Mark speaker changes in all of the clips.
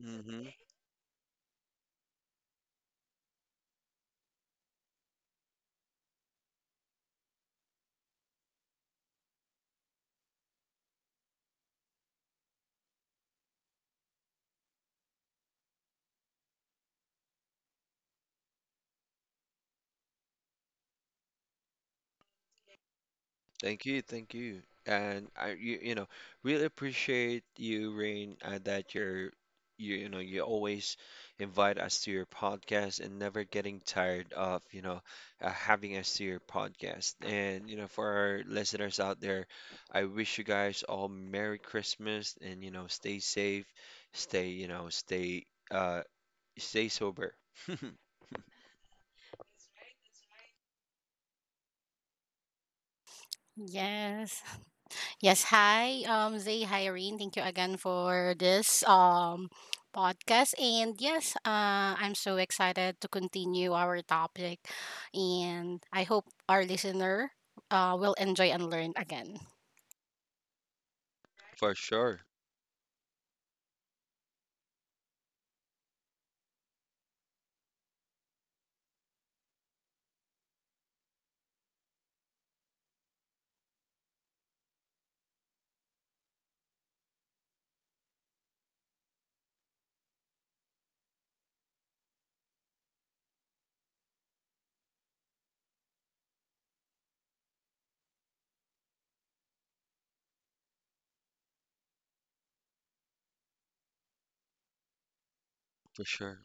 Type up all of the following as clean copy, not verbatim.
Speaker 1: hmm Thank you, thank you. And I, you know, really appreciate you, Rain, that you always invite us to your podcast and never getting tired of, having us to your podcast. And, for our listeners out there, I wish you guys all Merry Christmas and, stay safe, stay, uh, stay sober.
Speaker 2: Yes. Yes. Hi, Zay, hi, Irene. Thank you again for this podcast. And yes, I'm so excited to continue our topic. And I hope our listener will enjoy and learn again.
Speaker 1: For sure, for sure.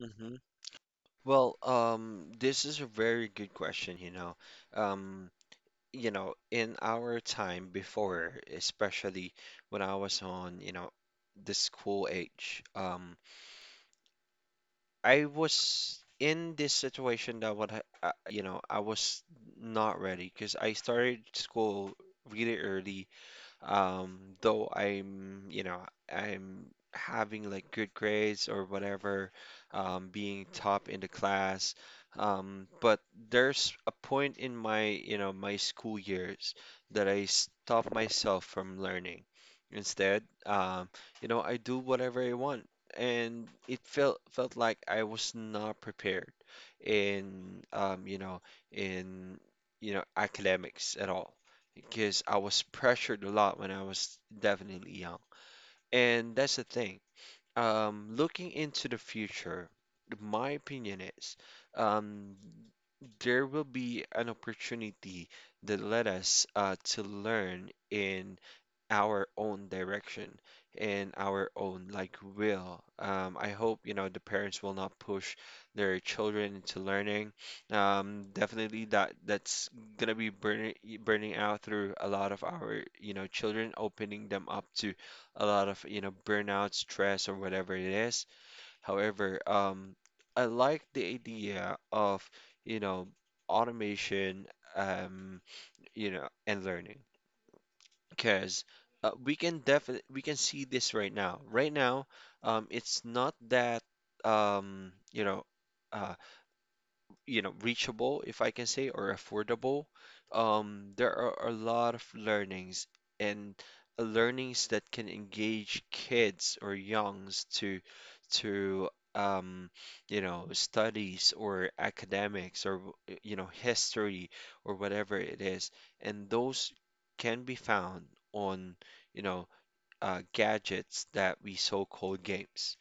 Speaker 1: Mm-hmm. Well, this is a very good question, Um, in our time before, especially when I was on, the school age, I was in this situation that what I was not ready because I started school really early, though I'm having like good grades or whatever, being top in the class. But there's a point in my school years that I stop myself from learning. Instead, I do whatever I want, and it felt like I was not prepared in, in academics at all because I was pressured a lot when I was definitely young. And that's the thing. Looking into the future, my opinion is, um, there will be an opportunity that led us, to learn in our own direction and our own like will. I hope the parents will not push their children into learning. Definitely that's gonna be burning out through a lot of our, children, opening them up to a lot of, burnout, stress, or whatever it is. However, I like the idea of, you know automation, um, and learning. Because, we can see this right now. Right now, it's not that, um, you know, uh, reachable if I can say, or affordable, there are a lot of learnings and learnings that can engage kids or youngs to um studies or academics, or history or whatever it is, and those can be found on, you know gadgets that we so-called games.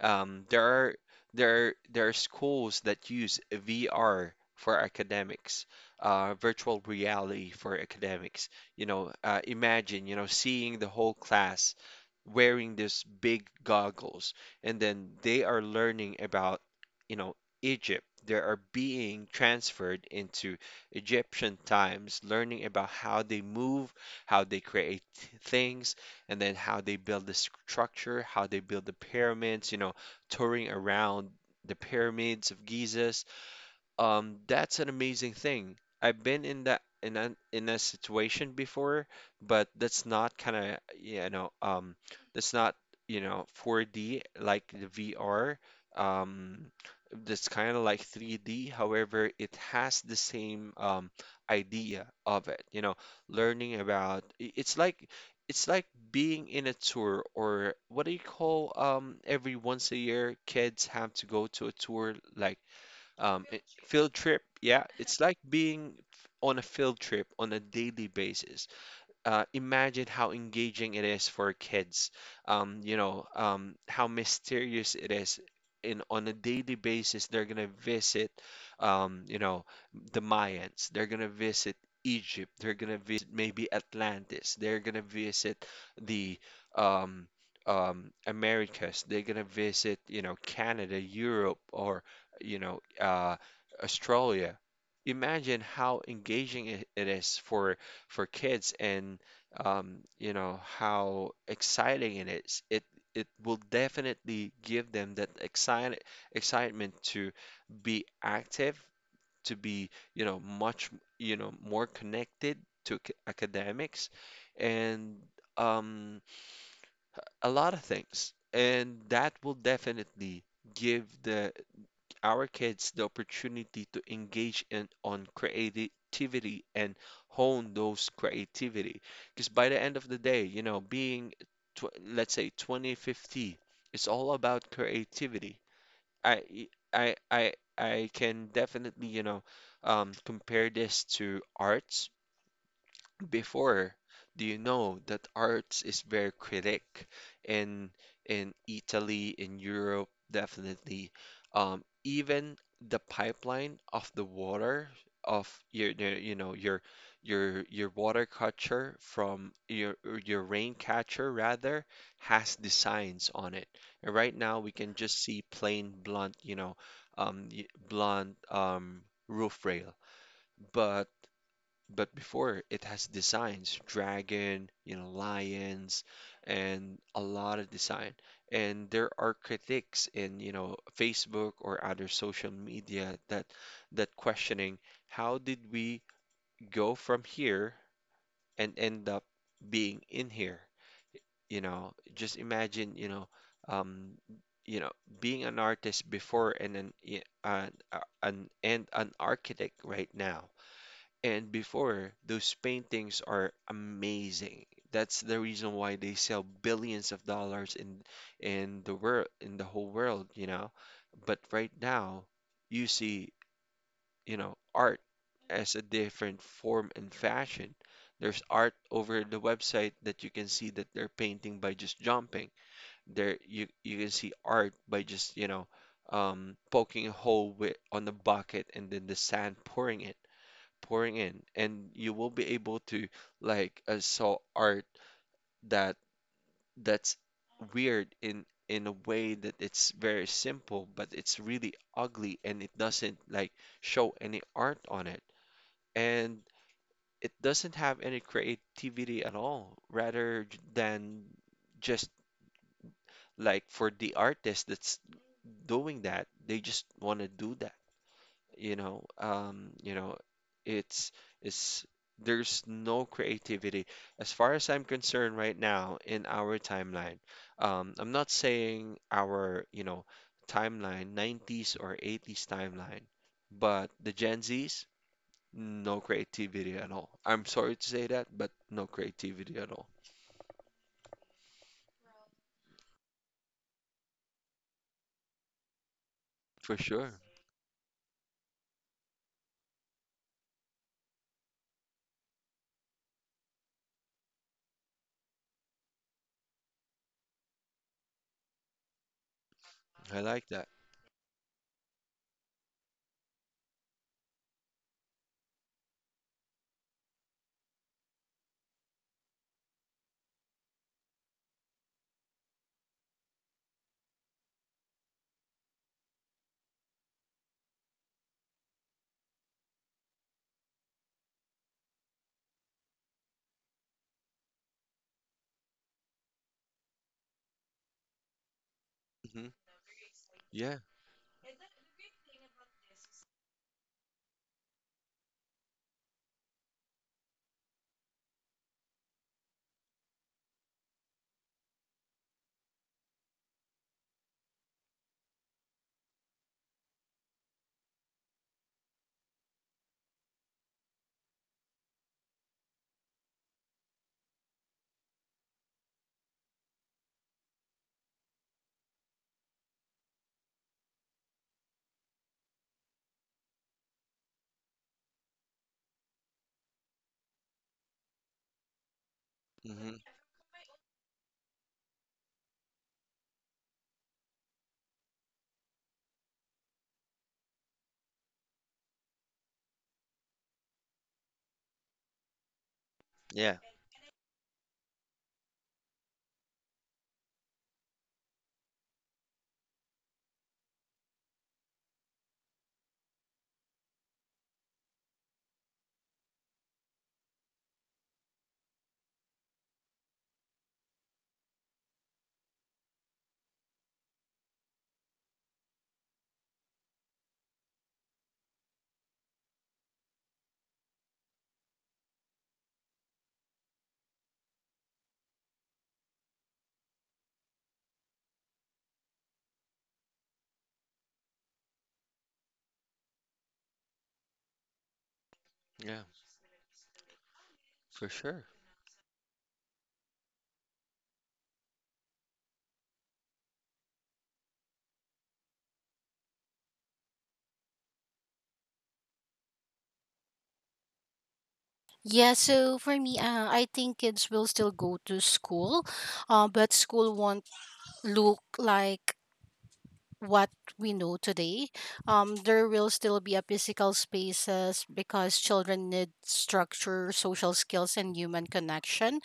Speaker 1: Um, there are there are- there are schools that use VR for academics, virtual reality for academics. You know, imagine, seeing the whole class wearing this big goggles, and then they are learning about, you know, Egypt. They are being transferred into Egyptian times, learning about how they move, how they create things, and then how they build the structure, how they build the pyramids, touring around the pyramids of Giza, that's an amazing thing. I've been in that in a situation before, but that's not kind of, that's not, 4D like the VR. Um, that's kind of like 3D. However, it has the same, idea of it. You know, learning about, it's like, it's like being in a tour, or what do you call, every once a year kids have to go to a tour like, field trip, yeah, it's like being, on a field trip on a daily basis, imagine how engaging it is for kids. How mysterious it is. In, on a daily basis, they're gonna visit, um, you know, the Mayans. They're gonna visit Egypt. They're gonna visit maybe Atlantis. They're gonna visit the, um, Americas. They're gonna visit, Canada, Europe, or, you know, uh, Australia. Imagine how engaging it is for kids, and, how exciting it is. It will definitely give them that excitement to be active, to be, you know much you know more connected to, academics and, um, a lot of things, and that will definitely give the our kids the opportunity to engage in on creativity and hone those creativity. Because by the end of the day, being, tw let's say 2050, it's all about creativity. I I can definitely, compare this to arts before. Do you know that arts is very critic in in Italy, in Europe, definitely. Even the pipeline of the water of your water catcher from your rain catcher rather has designs on it. And right now we can just see plain blunt, blunt, roof rail. But but before it has designs, dragon, lions, and a lot of design. And there are critics in, Facebook or other social media that that questioning how did we go from here and end up being in here? You know, just imagine, um, you know, being an artist before and an architect right now and before, those paintings are amazing. That's the reason why they sell billions of dollars in the world in the whole world, you know. But right now, you see, art as a different form and fashion. There's art over the website that you can see that they're painting by just jumping. There you can see art by just, poking a hole with, on the bucket and then the sand pouring in, and you will be able to like, saw art that that's weird in a way that it's very simple but it's really ugly, and it doesn't like show any art on it, and it doesn't have any creativity at all, rather than just like for the artist that's doing that, they just want to do that, you know um you know it's it's there's no creativity as far as I'm concerned right now in our timeline. I'm not saying our, timeline 90s or 80s timeline, but the Gen Z's, no creativity at all. I'm sorry to say that, but no creativity at all, for sure. I like that. hmm yeah. hmm yeah, yeah, for sure,
Speaker 2: Yeah, so for me, I think kids will still go to school, but school won't look like what we know today. Um, there will still be a physical spaces because children need structure, social skills, and human connection.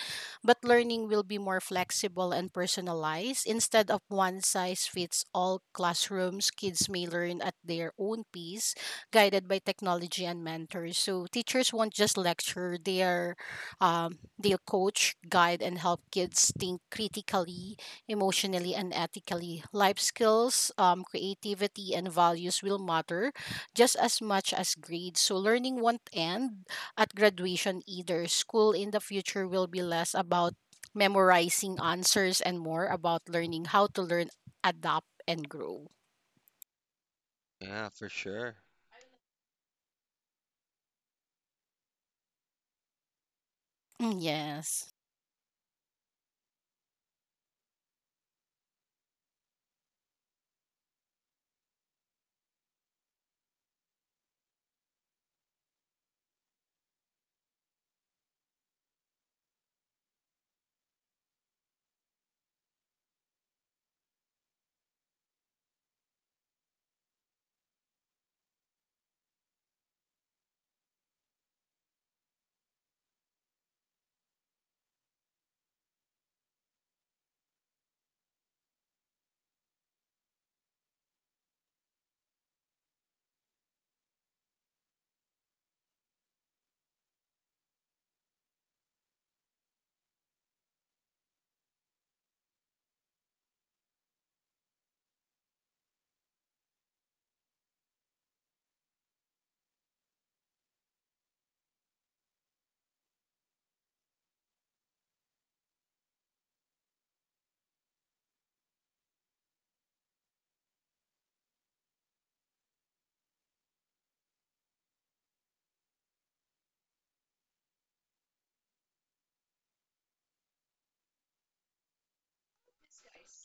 Speaker 2: But learning will be more flexible and personalized. Instead of one size fits all classrooms, kids may learn at their own pace, guided by technology and mentors. So teachers won't just lecture; they'll coach, guide, and help kids think critically emotionally and ethically. Life skills, creativity, and values will matter just as much as grades. So, learning won't end at graduation either. School in the future will be less about memorizing answers and more about learning how to learn, adapt, and grow.
Speaker 1: yeah, for sure,
Speaker 2: Mm. Yes.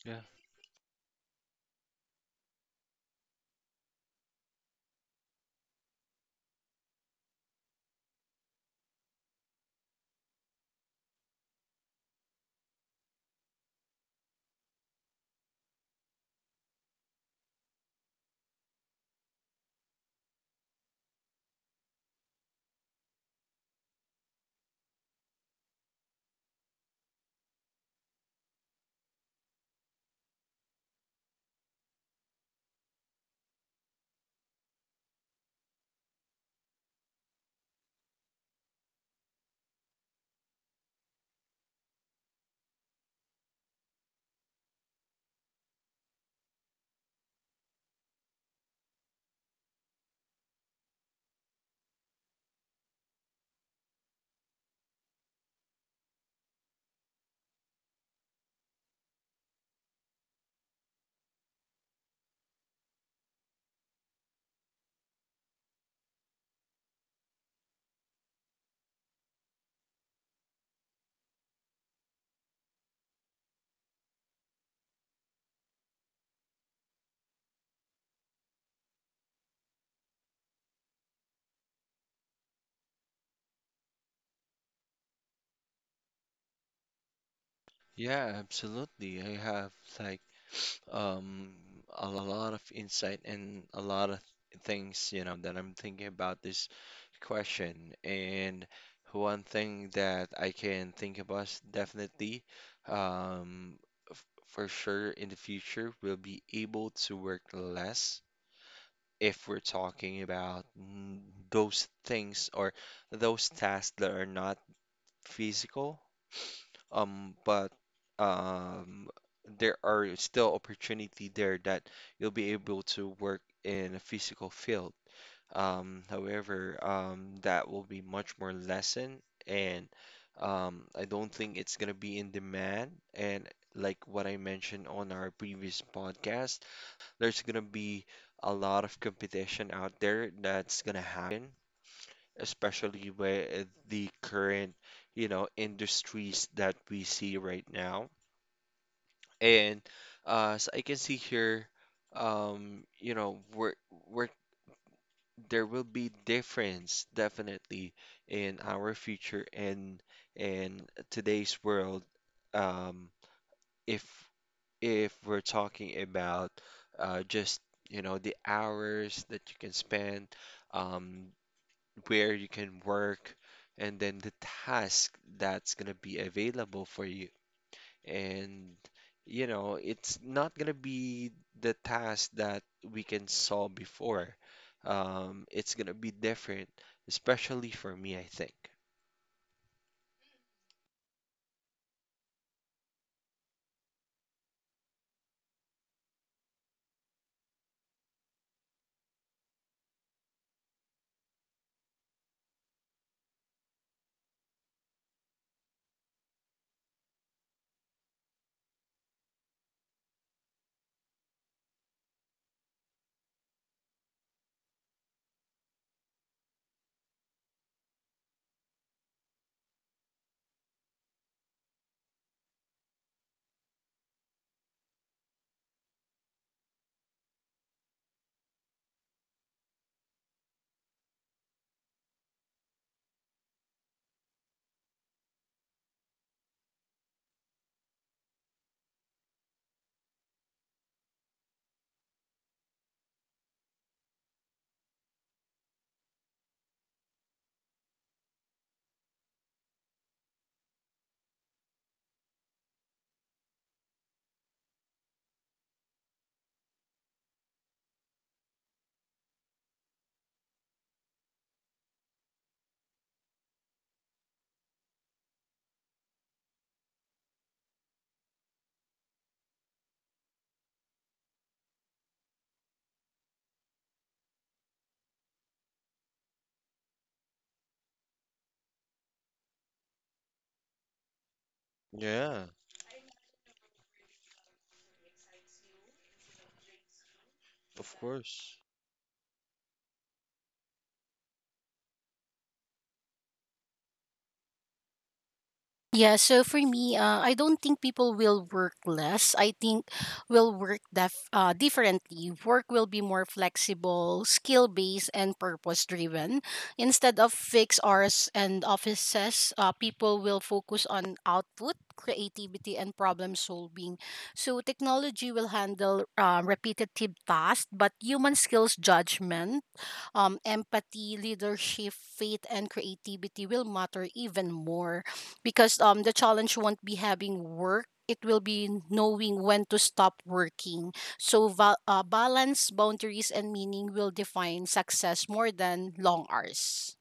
Speaker 1: yeah. Yeah, absolutely. I have like, um a lot of insight and a lot of things, that I'm thinking about this question. And one thing that I can think about is definitely, um, f for sure in the future we'll be able to work less if we're talking about, those things or those tasks that are not physical, but, um, there are still opportunity there that you'll be able to work in a physical field. However, that will be much more lessened, and, I don't think it's gonna be in demand. And like what I mentioned on our previous podcast, there's gonna be a lot of competition out there that's gonna happen, especially with the current, industries that we see right now. And, as I can see here, um, you know, we're, we're, there will be difference definitely in our future and in today's world. Um, if if we're talking about, just, the hours that you can spend, um, where you can work, and then the task that's going to be available for you. And, it's not going to be the task that we can solve before. It's going to be different, especially for me, I think. Yeah, of course.
Speaker 2: Yeah, so for me, I don't think people will work less. I think will work differently. Work will be more flexible, skill based, and purpose driven. Instead of fixed hours and offices, people will focus on output, creativity, and problem solving. So technology will handle repetitive tasks, but human skills judgment empathy, leadership, faith, and creativity will matter even more because the challenge won't be having work. It will be knowing when to stop working. So, balance, boundaries, and meaning will define success more than long hours.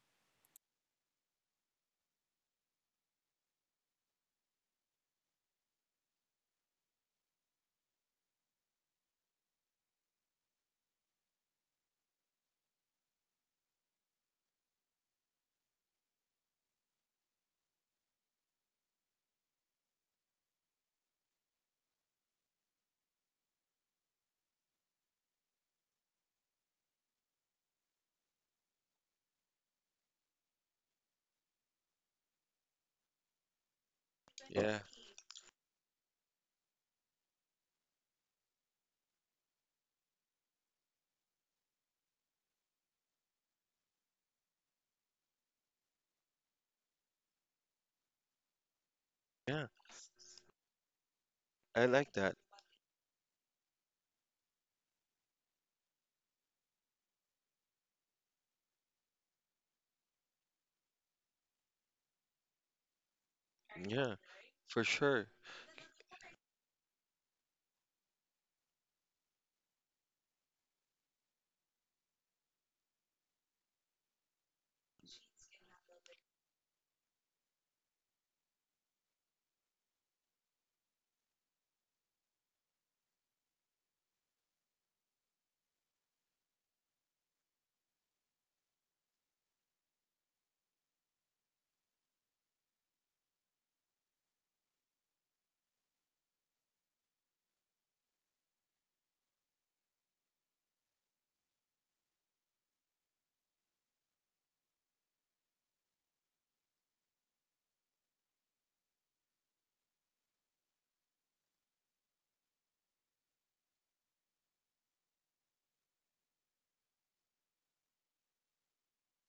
Speaker 1: Yeah, yeah. I like that. Yeah, for sure.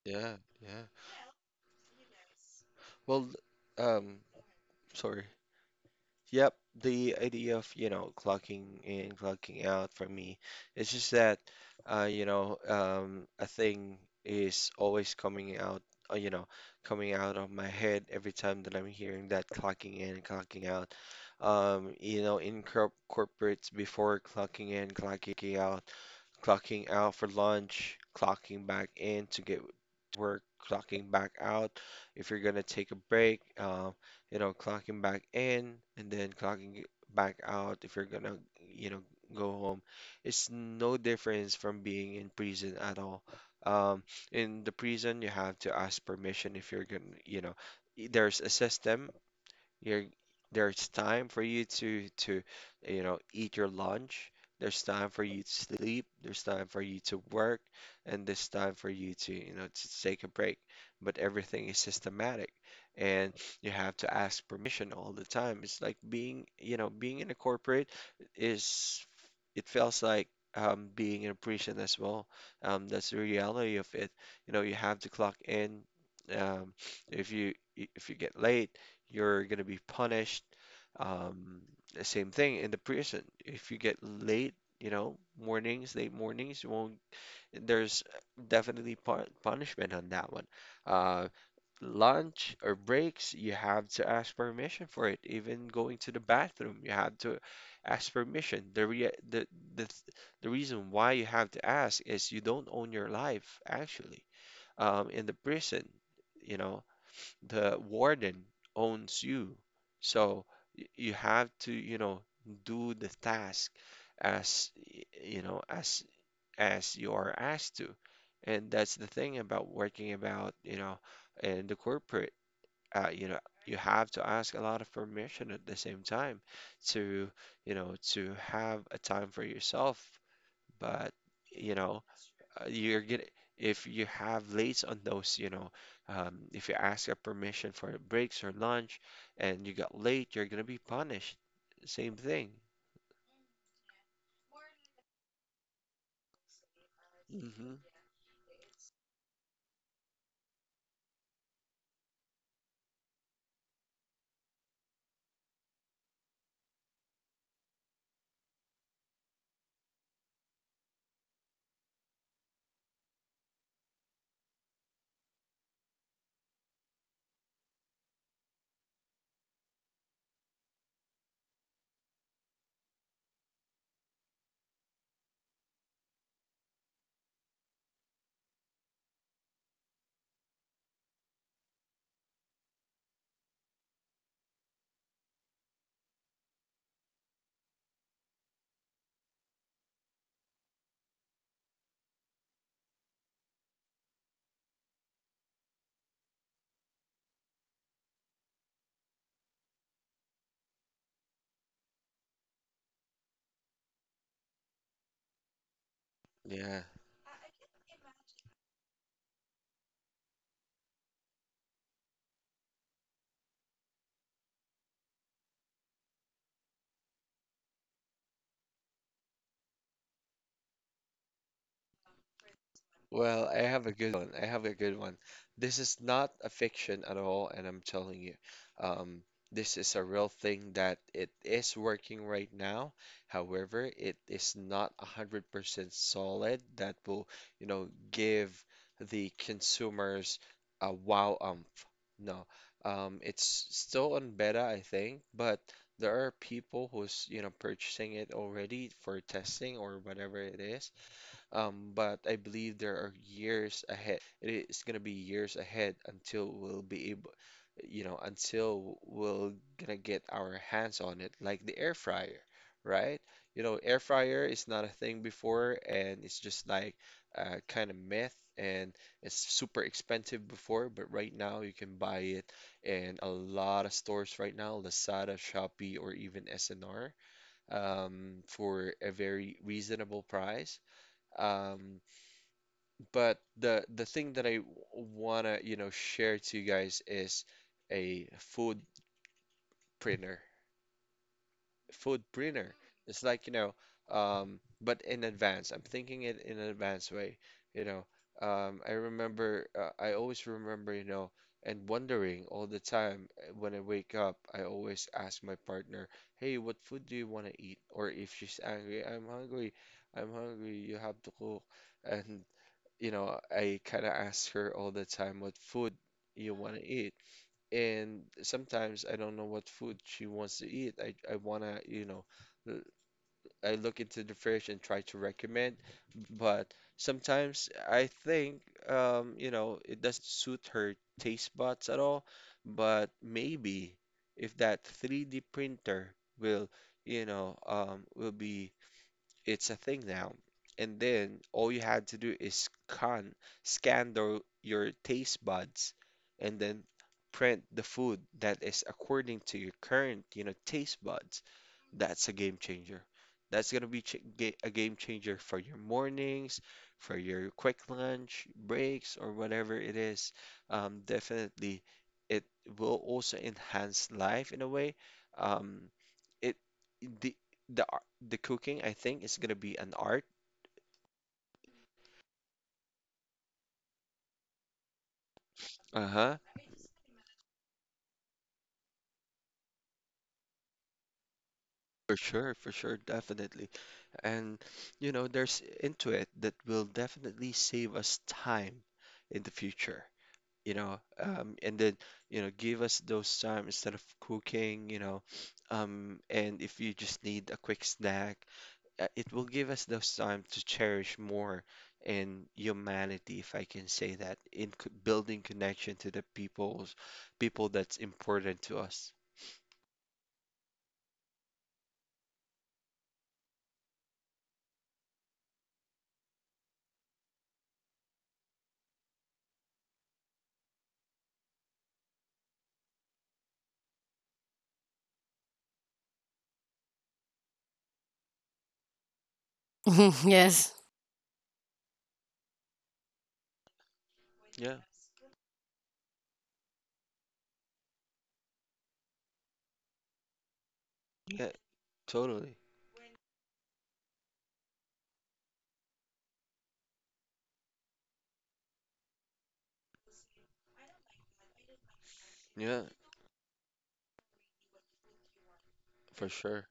Speaker 1: Yeah, yeah. Well, um, sorry. Yep, the idea of, clocking in, clocking out for me, it's just that, a thing is always coming out, uh, you know, coming out of my head every time that I'm hearing that clocking in and clocking out. In corporates before, clocking in, clocking out for lunch, clocking back in to get to work, clocking back out. If you're gonna take a break, clocking back in and then clocking back out if you're gonna, go home. It's no difference from being in prison at all. Um, in the prison, you have to ask permission if you're gonna, there's a system you're, there's time for you to eat your lunch. There's time for you to sleep. There's time for you to work, and there's time for you to, to take a break. But everything is systematic, and you have to ask permission all the time. It's like being, being in a corporate, is it feels like, being in a prison as well. That's the reality of it. You know you have to clock in. Um, if you get late, you're going to be punished. Um, the same thing in the prison. If you get late, you know, mornings, late mornings, you won't. There's definitely punishment on that one. Uh, Lunch or breaks, you have to ask permission for it. Even going to the bathroom, you have to ask permission. The re the the reason why you have to ask is you don't own your life, actually. In the prison, you know, the warden owns you. So you have to, do the task as, y- you know, as you are asked to. And that's the thing about working about, in the corporate, uh, you know, you have to ask a lot of permission at the same time to, to have a time for yourself, but you know, you're gonna, if you have lates on those, if you ask a permission for breaks or lunch and you got late, you're gonna be punished. Same thing. Hmm. Yeah. Well, I have a good one. I have a good one. This is not a fiction at all, and I'm telling you, um, this is a real thing that it is working right now. However, it is not 100% solid that will, give the consumers a wow umph. No, it's still on beta, I think, but there are people who's, purchasing it already for testing or whatever it is. But I believe there are years ahead. It is gonna be years ahead until we'll be able, until we're gonna get our hands on it, like the air fryer, right? You know air fryer is not a thing before, and it's just like a kind of myth, and it's super expensive before. But right now, you can buy it in a lot of stores right now, Lazada, Shopee, or even SNR, for a very reasonable price, um, but the thing that I wanna share to you guys is a food printer. Food printer. It's like, but in advance. I'm thinking it in an advanced way, you know. I remember, I always remember, and wondering all the time, when I wake up, I always ask my partner, "Hey, what food do you want to eat?" Or if she's angry, "I'm hungry. I'm hungry. You have to cook." And I kind of ask her all the time what food you want to eat. And sometimes I don't know what food she wants to eat. I want to, l- I look into the fridge and try to recommend, but sometimes I think, it doesn't suit her taste buds at all. But maybe if that 3D printer will, will be, it's a thing now. And then all you had to do is scan your taste buds and then print the food that is according to your current, taste buds. That's a game changer. That's gonna be ch ga a game changer for your mornings, for your quick lunch breaks, or whatever it is. Definitely, it will also enhance life in a way. Um, it the the the cooking, I think, is gonna be an art. Uh-huh. For sure, definitely. And you know there's into it that will definitely save us time in the future. And then, give us those time instead of cooking. And if you just need a quick snack, it will give us those time to cherish more in humanity, if I can say that, in building connection to the people that's important to us.
Speaker 2: Yes.
Speaker 1: Yeah. Yeah. Totally. Yeah. For sure.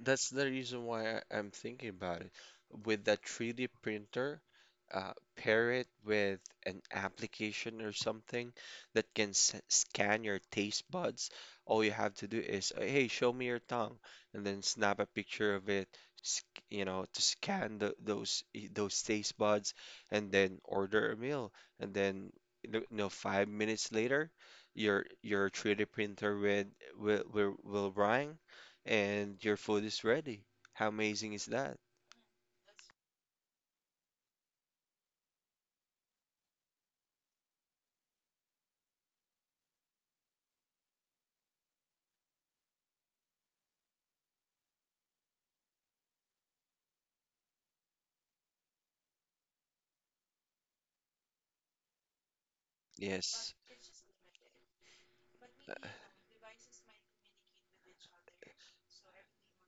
Speaker 1: That's the reason why I'm thinking about it. With that 3D printer, pair it with an application or something that can s scan your taste buds. All you have to do is, hey, show me your tongue, and then snap a picture of it, to scan those taste buds, and then order a meal. And then, you, 5 minutes later, your 3D printer with will run and your food is ready. How amazing is that? Yes.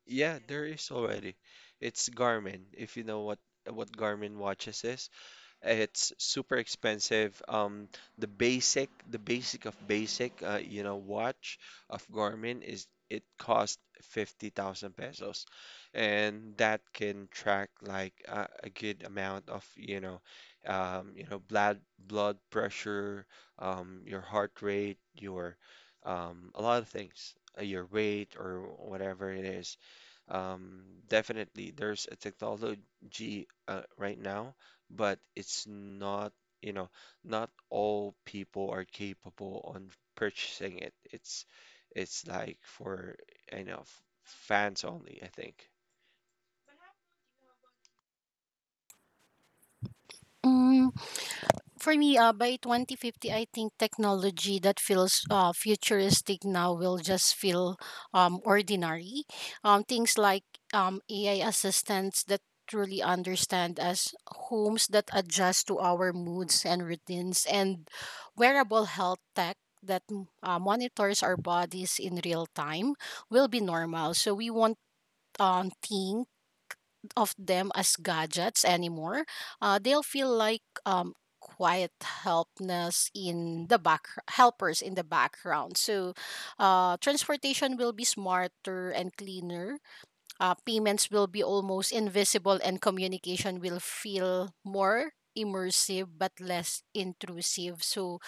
Speaker 1: Yeah, there is already. It's Garmin. If you know what Garmin watches is, it's super expensive. The basic, the basic of basic, watch of Garmin is it cost 50,000 pesos, and that can track like a good amount of, blood pressure, your heart rate, your, a lot of things, your weight or whatever it is. Um, Definitely, there's a technology, right now, but it's not, you know, not all people are capable on purchasing it. It's like for, fans only, I think.
Speaker 2: For me, by 2050, I think technology that feels futuristic now will just feel ordinary. Things like AI assistants that truly understand us, homes that adjust to our moods and routines, and wearable health tech that monitors our bodies in real time will be normal. So we want things of them as gadgets anymore. They'll feel like quiet helpness in the back helpers in the background. So, transportation will be smarter and cleaner. Payments will be almost invisible, and communication will feel more immersive but less intrusive. So,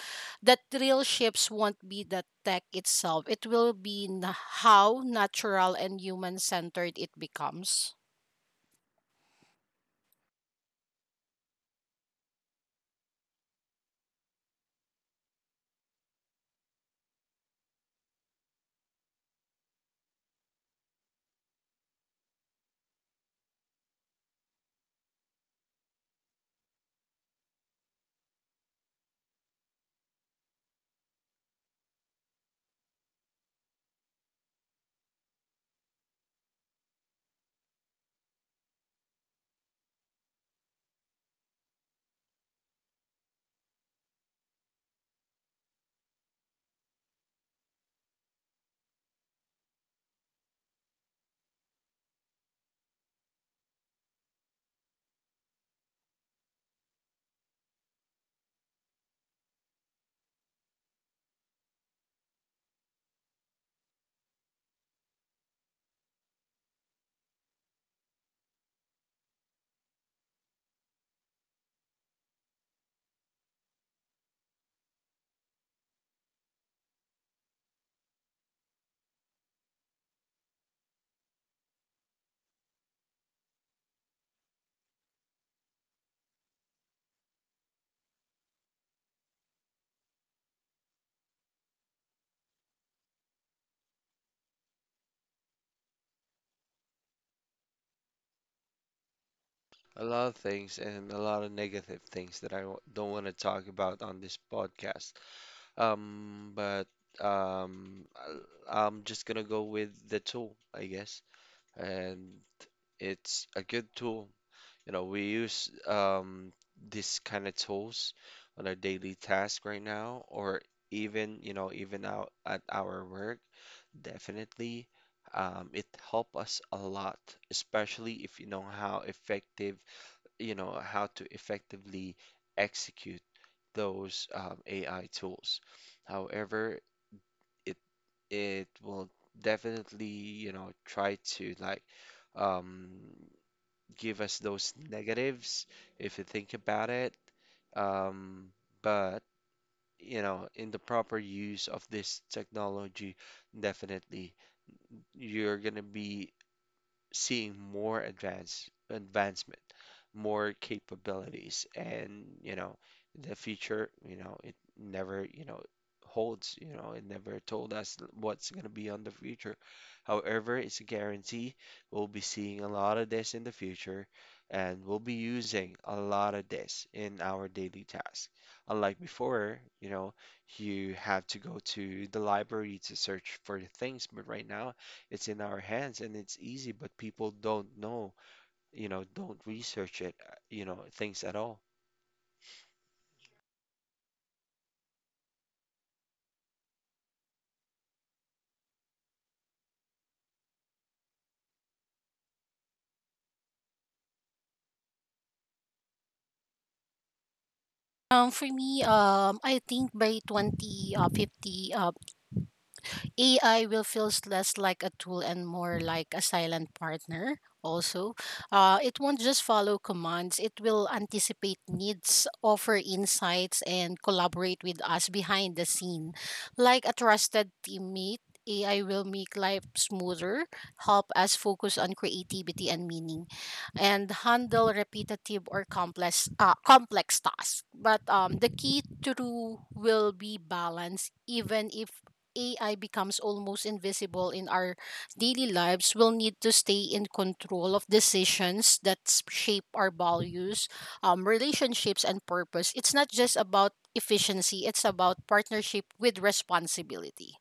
Speaker 2: that real ships won't be the tech itself. It will be how natural and human centered it becomes.
Speaker 1: A lot of things and a lot of negative things that I w don't want to talk about on this podcast. But I'm just gonna go with the tool, I guess. And it's a good tool. You know, we use, these kind of tools on our daily task right now, or even, even out at our work. Definitely, it help us a lot, especially if you know how effective, how to effectively execute those, AI tools. However, it it will definitely, try to like, um, give us those negatives if you think about it. Um, but in the proper use of this technology, definitely you're gonna be seeing more advancement, more capabilities, and you know the future, it never, holds, it never told us what's going to be on the future. However, it's a guarantee we'll be seeing a lot of this in the future, and we'll be using a lot of this in our daily tasks. Unlike before, you have to go to the library to search for things, but right now it's in our hands and it's easy, but people don't know, don't research it, things at all.
Speaker 2: For me, I think by 2050, AI will feel less like a tool and more like a silent partner also. It won't just follow commands, it will anticipate needs, offer insights, and collaborate with us behind the scene. Like a trusted teammate, AI will make life smoother, help us focus on creativity and meaning, and handle repetitive or complex complex tasks. But the key to will be balance, even if AI becomes almost invisible in our daily lives, we'll need to stay in control of decisions that shape our values, relationships, and purpose. It's not just about efficiency, it's about partnership with responsibility.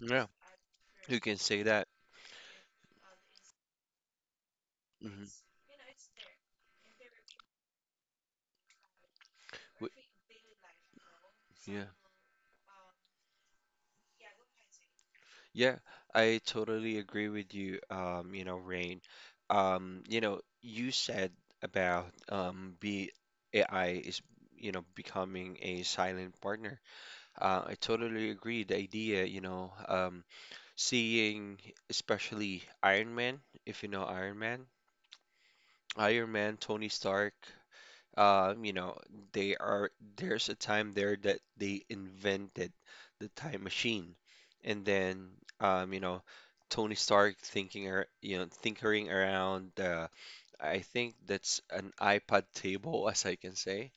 Speaker 1: Yeah. You can say that. Hmm. Yeah, yeah, I totally agree with you. You know, Rain. You know, you said about, be AI is you know becoming a silent partner. I totally agree. The idea, seeing especially Iron Man, if you know Iron Man, Tony Stark, you know, they are there's a time there that they invented the time machine, and then, you know, Tony Stark thinking, tinkering around. I think that's an iPod table, as I can say,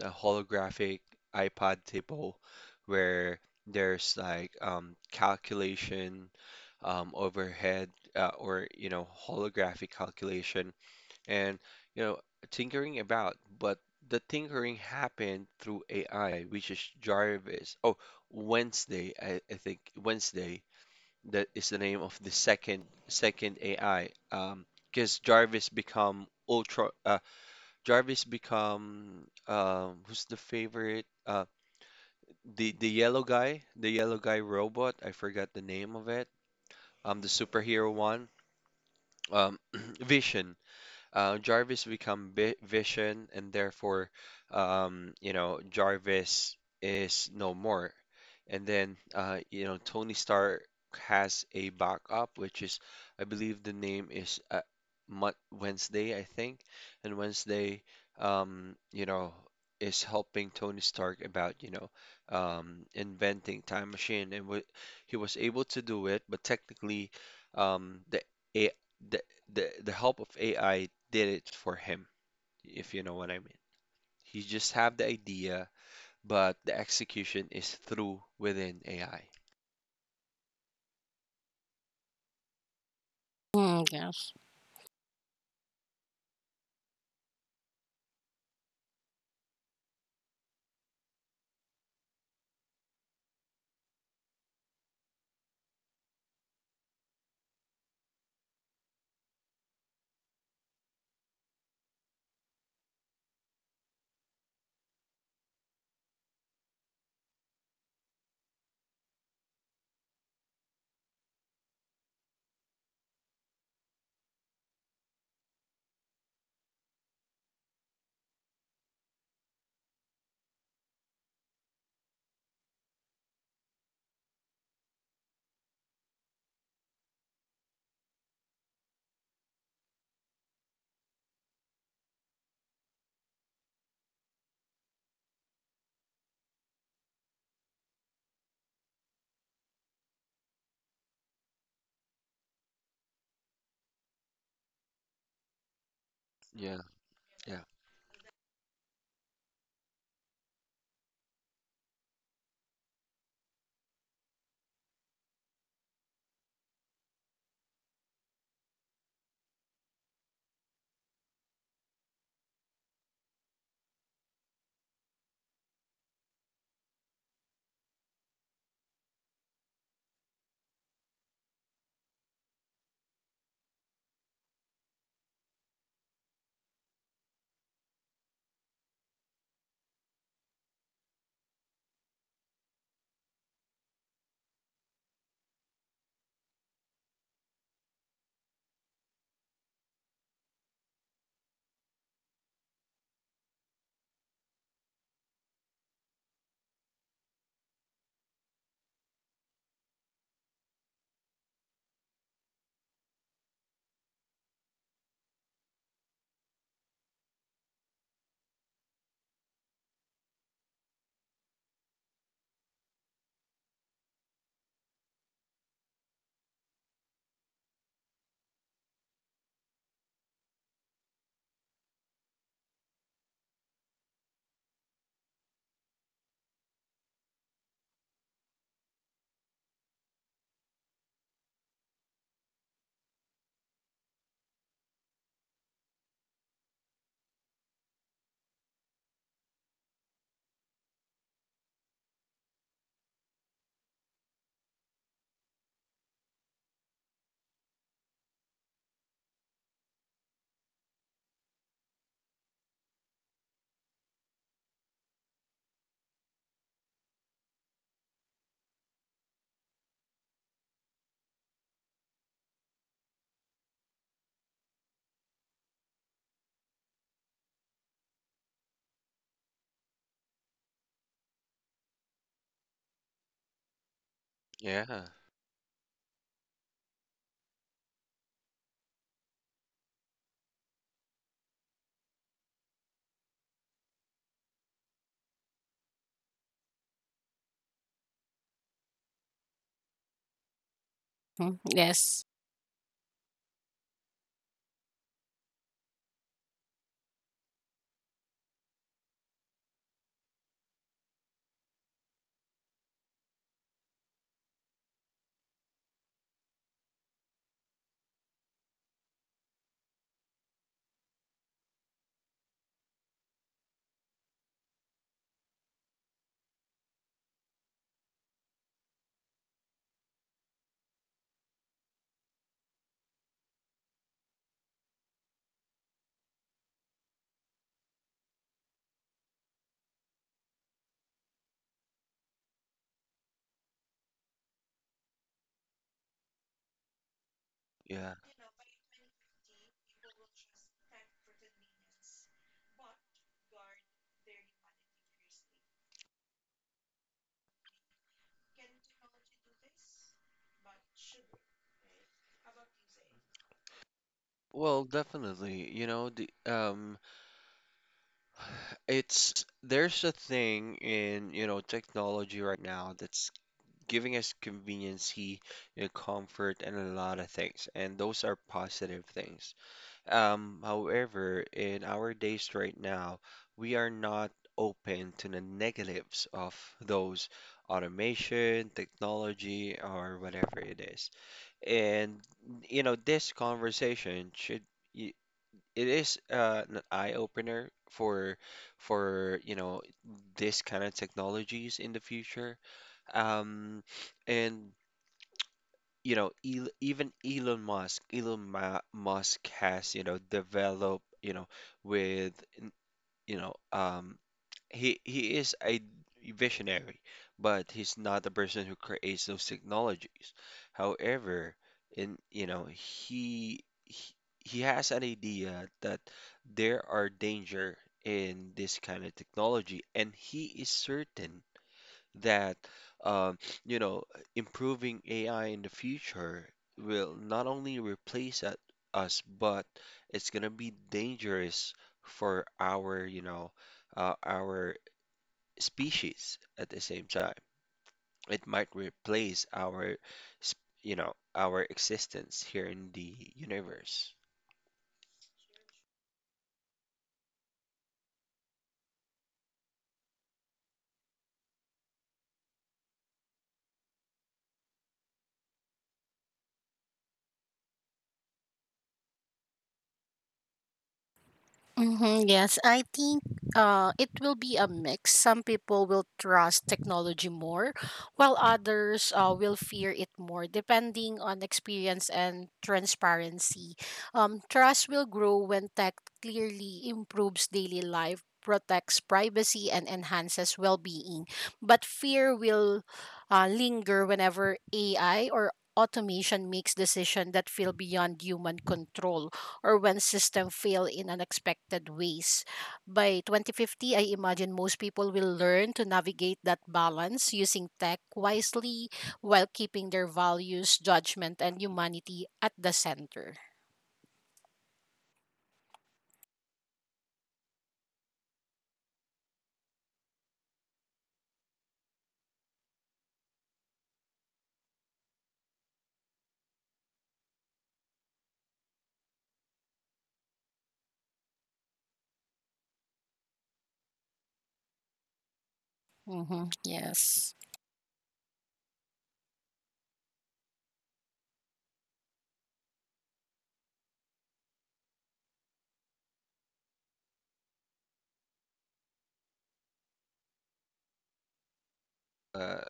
Speaker 1: a holographic iPod table, where there's like, calculation, overhead, or you know holographic calculation and you know tinkering about, but the tinkering happened through AI, which is Jarvis. Oh, Wednesday. I think Wednesday, that is the name of the second AI, because Jarvis become ultra, Jarvis become, who's the favorite, the yellow guy, robot, I forgot the name of it, the superhero one um Vision. Jarvis become vi Vision, and therefore, Jarvis is no more. And then, Tony Stark has a backup, which is, I believe the name is, Mut Wednesday, I think. And Wednesday, you know, is helping Tony Stark about, inventing time machine, and w he was able to do it, but technically, the A the the help of AI did it for him, if you know what I mean. He just have the idea, but the execution is through within AI.
Speaker 2: Mm, yes.
Speaker 1: Yeah, yeah, yeah,
Speaker 2: Mm, yes.
Speaker 1: yeah. Well, definitely, there's a thing in, technology right now that's giving us conveniency, comfort and a lot of things, and those are positive things. However, in our days right now, we are not open to the negatives of those automation, technology, or whatever it is. And you know, this conversation y- it is, an eye opener for you know this kind of technologies in the future. Um, and you know, El even Elon Musk, Elon Ma Musk has, developed, you know, with, n- you know, he is a visionary, but he's not the person who creates those technologies. However, in, he, he has an idea that there are danger in this kind of technology, and he is certain that, um, you know improving AI in the future will not only replace at us, but it's gonna be dangerous for our you know our species at the same time. It might replace our s- you know our existence here in the universe.
Speaker 2: Mm-hmm, yes, I think it will be a mix. Some people will trust technology more, while others will fear it more, depending on experience and transparency. Trust will grow when tech clearly improves daily life, protects privacy, and enhances well being. But fear will linger whenever AI or automation makes decisions that feel beyond human control or when systems fail in unexpected ways. By 2050, I imagine most people will learn to navigate that balance using tech wisely while keeping their values, judgment, and humanity at the center. Mm-hmm. Yes.
Speaker 1: Uh,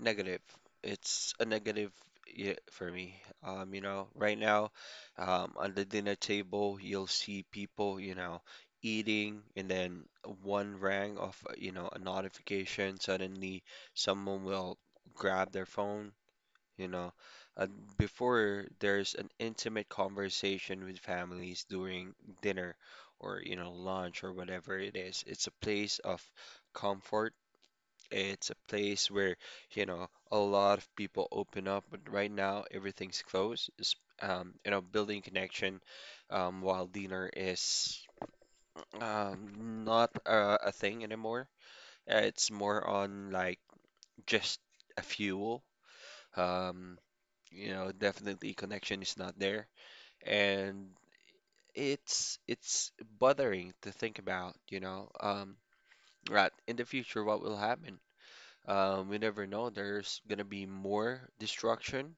Speaker 1: Negative. It's a negative, yeah, for me. You know, right now, on the dinner table, you'll see people, eating, and then one rang of, a notification. Suddenly, someone will grab their phone, you know. And before, there's an intimate conversation with families during dinner or, lunch or whatever it is. It's a place of comfort. It's a place where, a lot of people open up, but right now everything's closed. It's, building connection, while dinner is, not a thing anymore. It's more on like just a fuel. Um, you know, definitely connection is not there, and it's bothering to think about, right in the future what will happen. We never know. There's gonna be more destruction,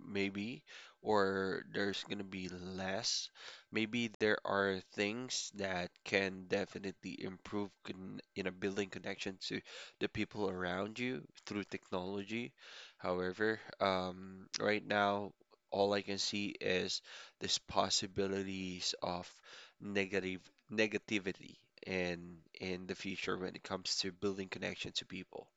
Speaker 1: maybe, or there's gonna be less. Maybe there are things that can definitely improve con in a building connection to the people around you through technology. However, right now, all I can see is this possibilities of negative negativity in the future when it comes to building connection to people.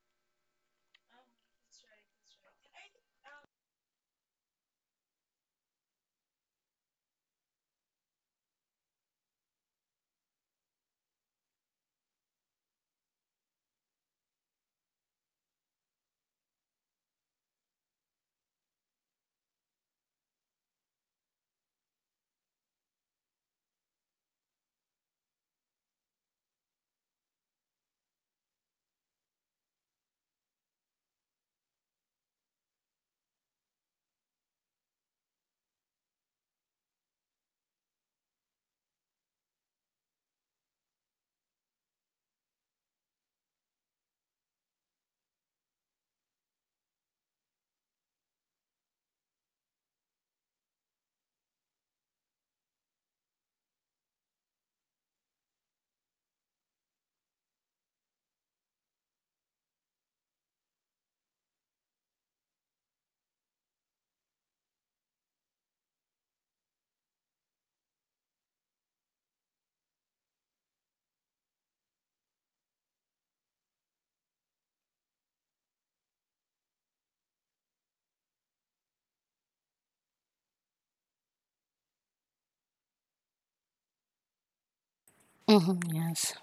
Speaker 2: Mm-hmm. Yes.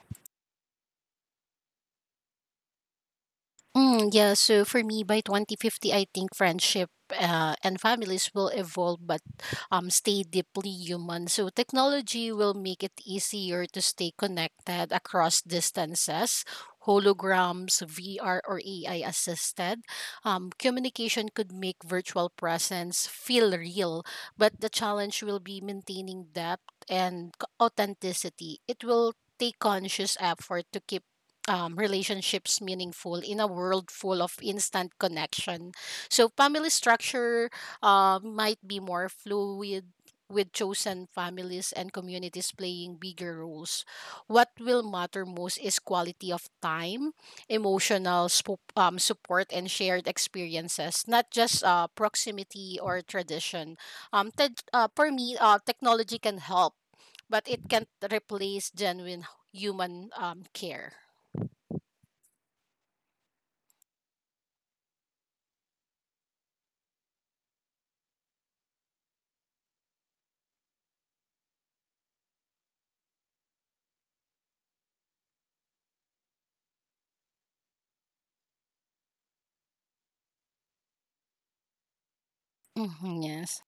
Speaker 2: Mm, yeah, so for me, by 2050, I think friendship and families will evolve but stay deeply human. So technology will make it easier to stay connected across distances. Holograms, VR, or AI assisted. Communication could make virtual presence feel real, but the challenge will be maintaining depth and authenticity. It will take conscious effort to keep relationships meaningful in a world full of instant connection. So, family structure might be more fluid, with chosen families and communities playing bigger roles. What will matter most is quality of time, emotional support, and shared experiences, not just proximity or tradition. For me, technology can help, but it can't replace genuine human care. Mm-hmm, yes.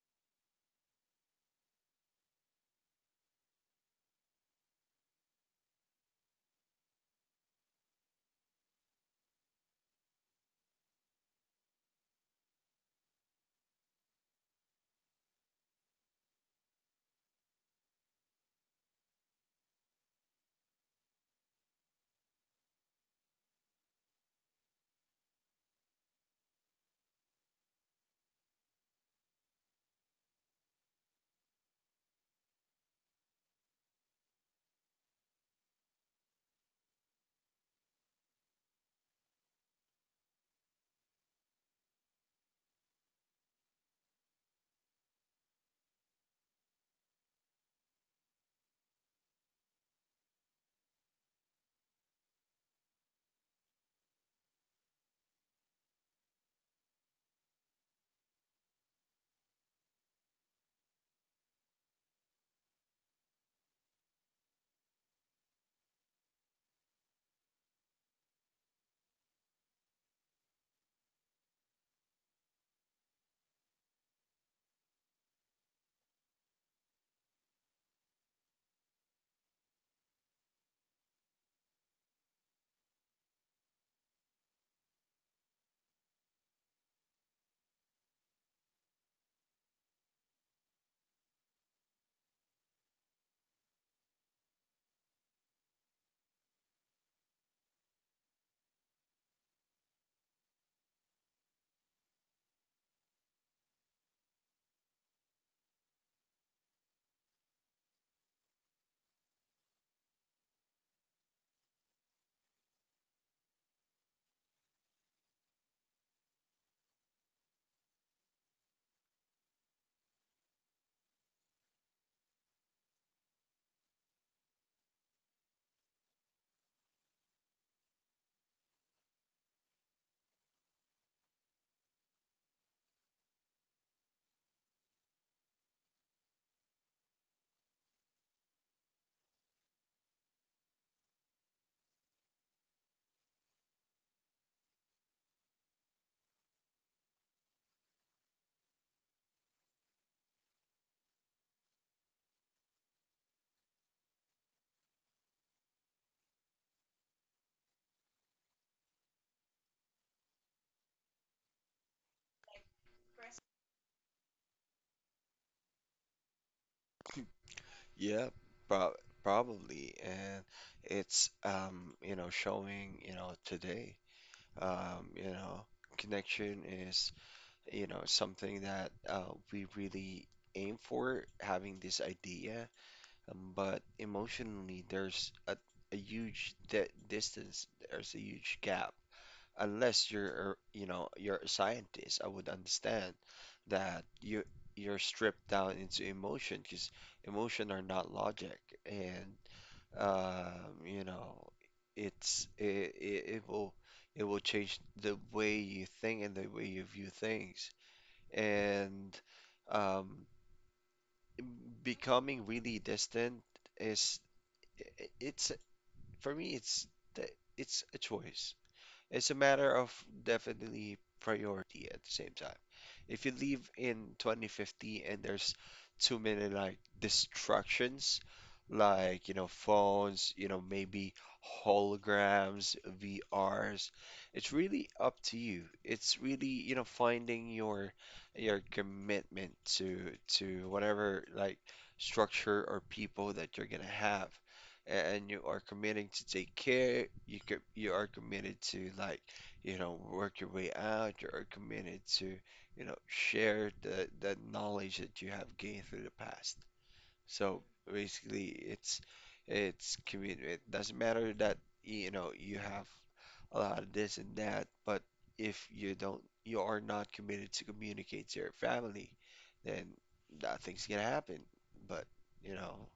Speaker 1: Yeah, prob probably. And it's, showing, today, you know, connection is, something that, we really aim for, having this idea. But emotionally, there's a huge di distance, there's a huge gap, unless you're, you know, you're a scientist. I would understand that you're stripped down into emotion, because emotion are not logic, and, you know, it's it, it it will change the way you think and the way you view things, and, um, becoming really distant is, it's for me, the- it's a choice. It's a matter of definitely priority at the same time. If you leave in 2050 and there's too many like distractions, like, you know, phones, you know, maybe holograms, VRs, it's really up to you. It's really, finding your commitment to whatever like structure or people that you're gonna have, and you are committing to take care. You are committed to like, work your way out. You are committed to, share the knowledge that you have gained through the past. So basically, it's commitment. Doesn't matter that you know you have a lot of this and that, but if you don't, you are not committed to communicate to your family, then nothing's gonna happen. But you know,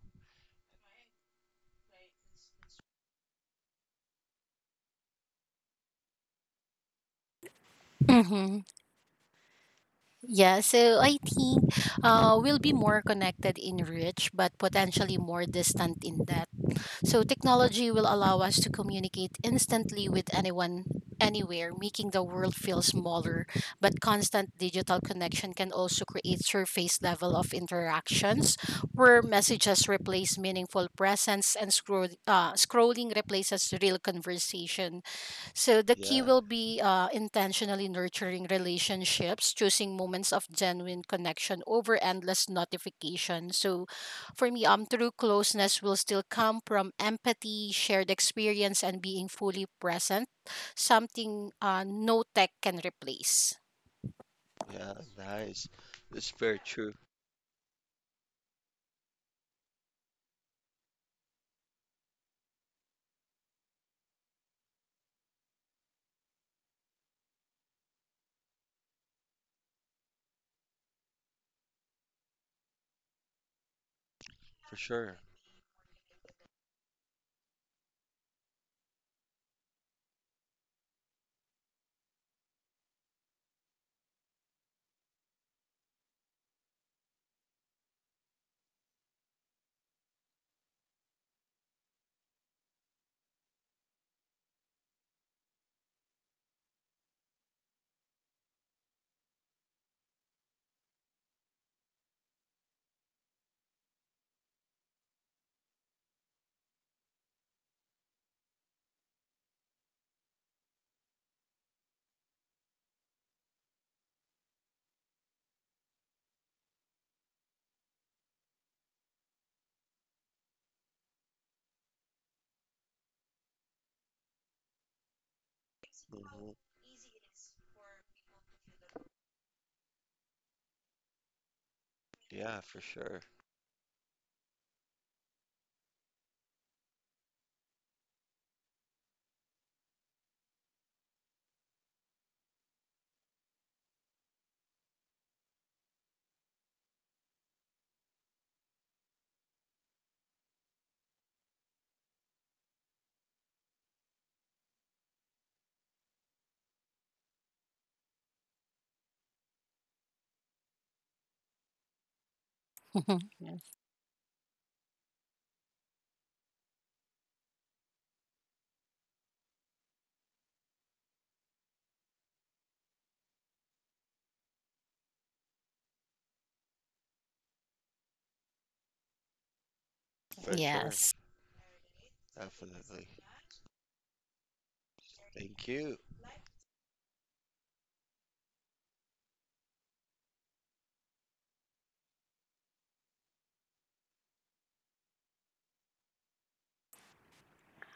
Speaker 2: Mm-hmm. Yeah, so I think we'll be more connected in reach, but potentially more distant in depth. So technology will allow us to communicate instantly with anyone, anywhere, making the world feel smaller. But constant digital connection can also create surface level of interactions where messages replace meaningful presence and scrolling replaces real conversation. So the key
Speaker 1: yeah.
Speaker 2: will be intentionally nurturing relationships, choosing moments of genuine connection over endless notification. So for me, true closeness will still come from empathy, shared experience, and being fully present, something no tech can replace.
Speaker 1: Yeah, nice. It's very true, for sure. Hmm. Yeah, for sure.
Speaker 2: Yes.
Speaker 1: For sure.
Speaker 2: Yes.
Speaker 1: Definitely. Thank you.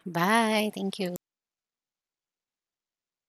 Speaker 2: Bye. Thank you.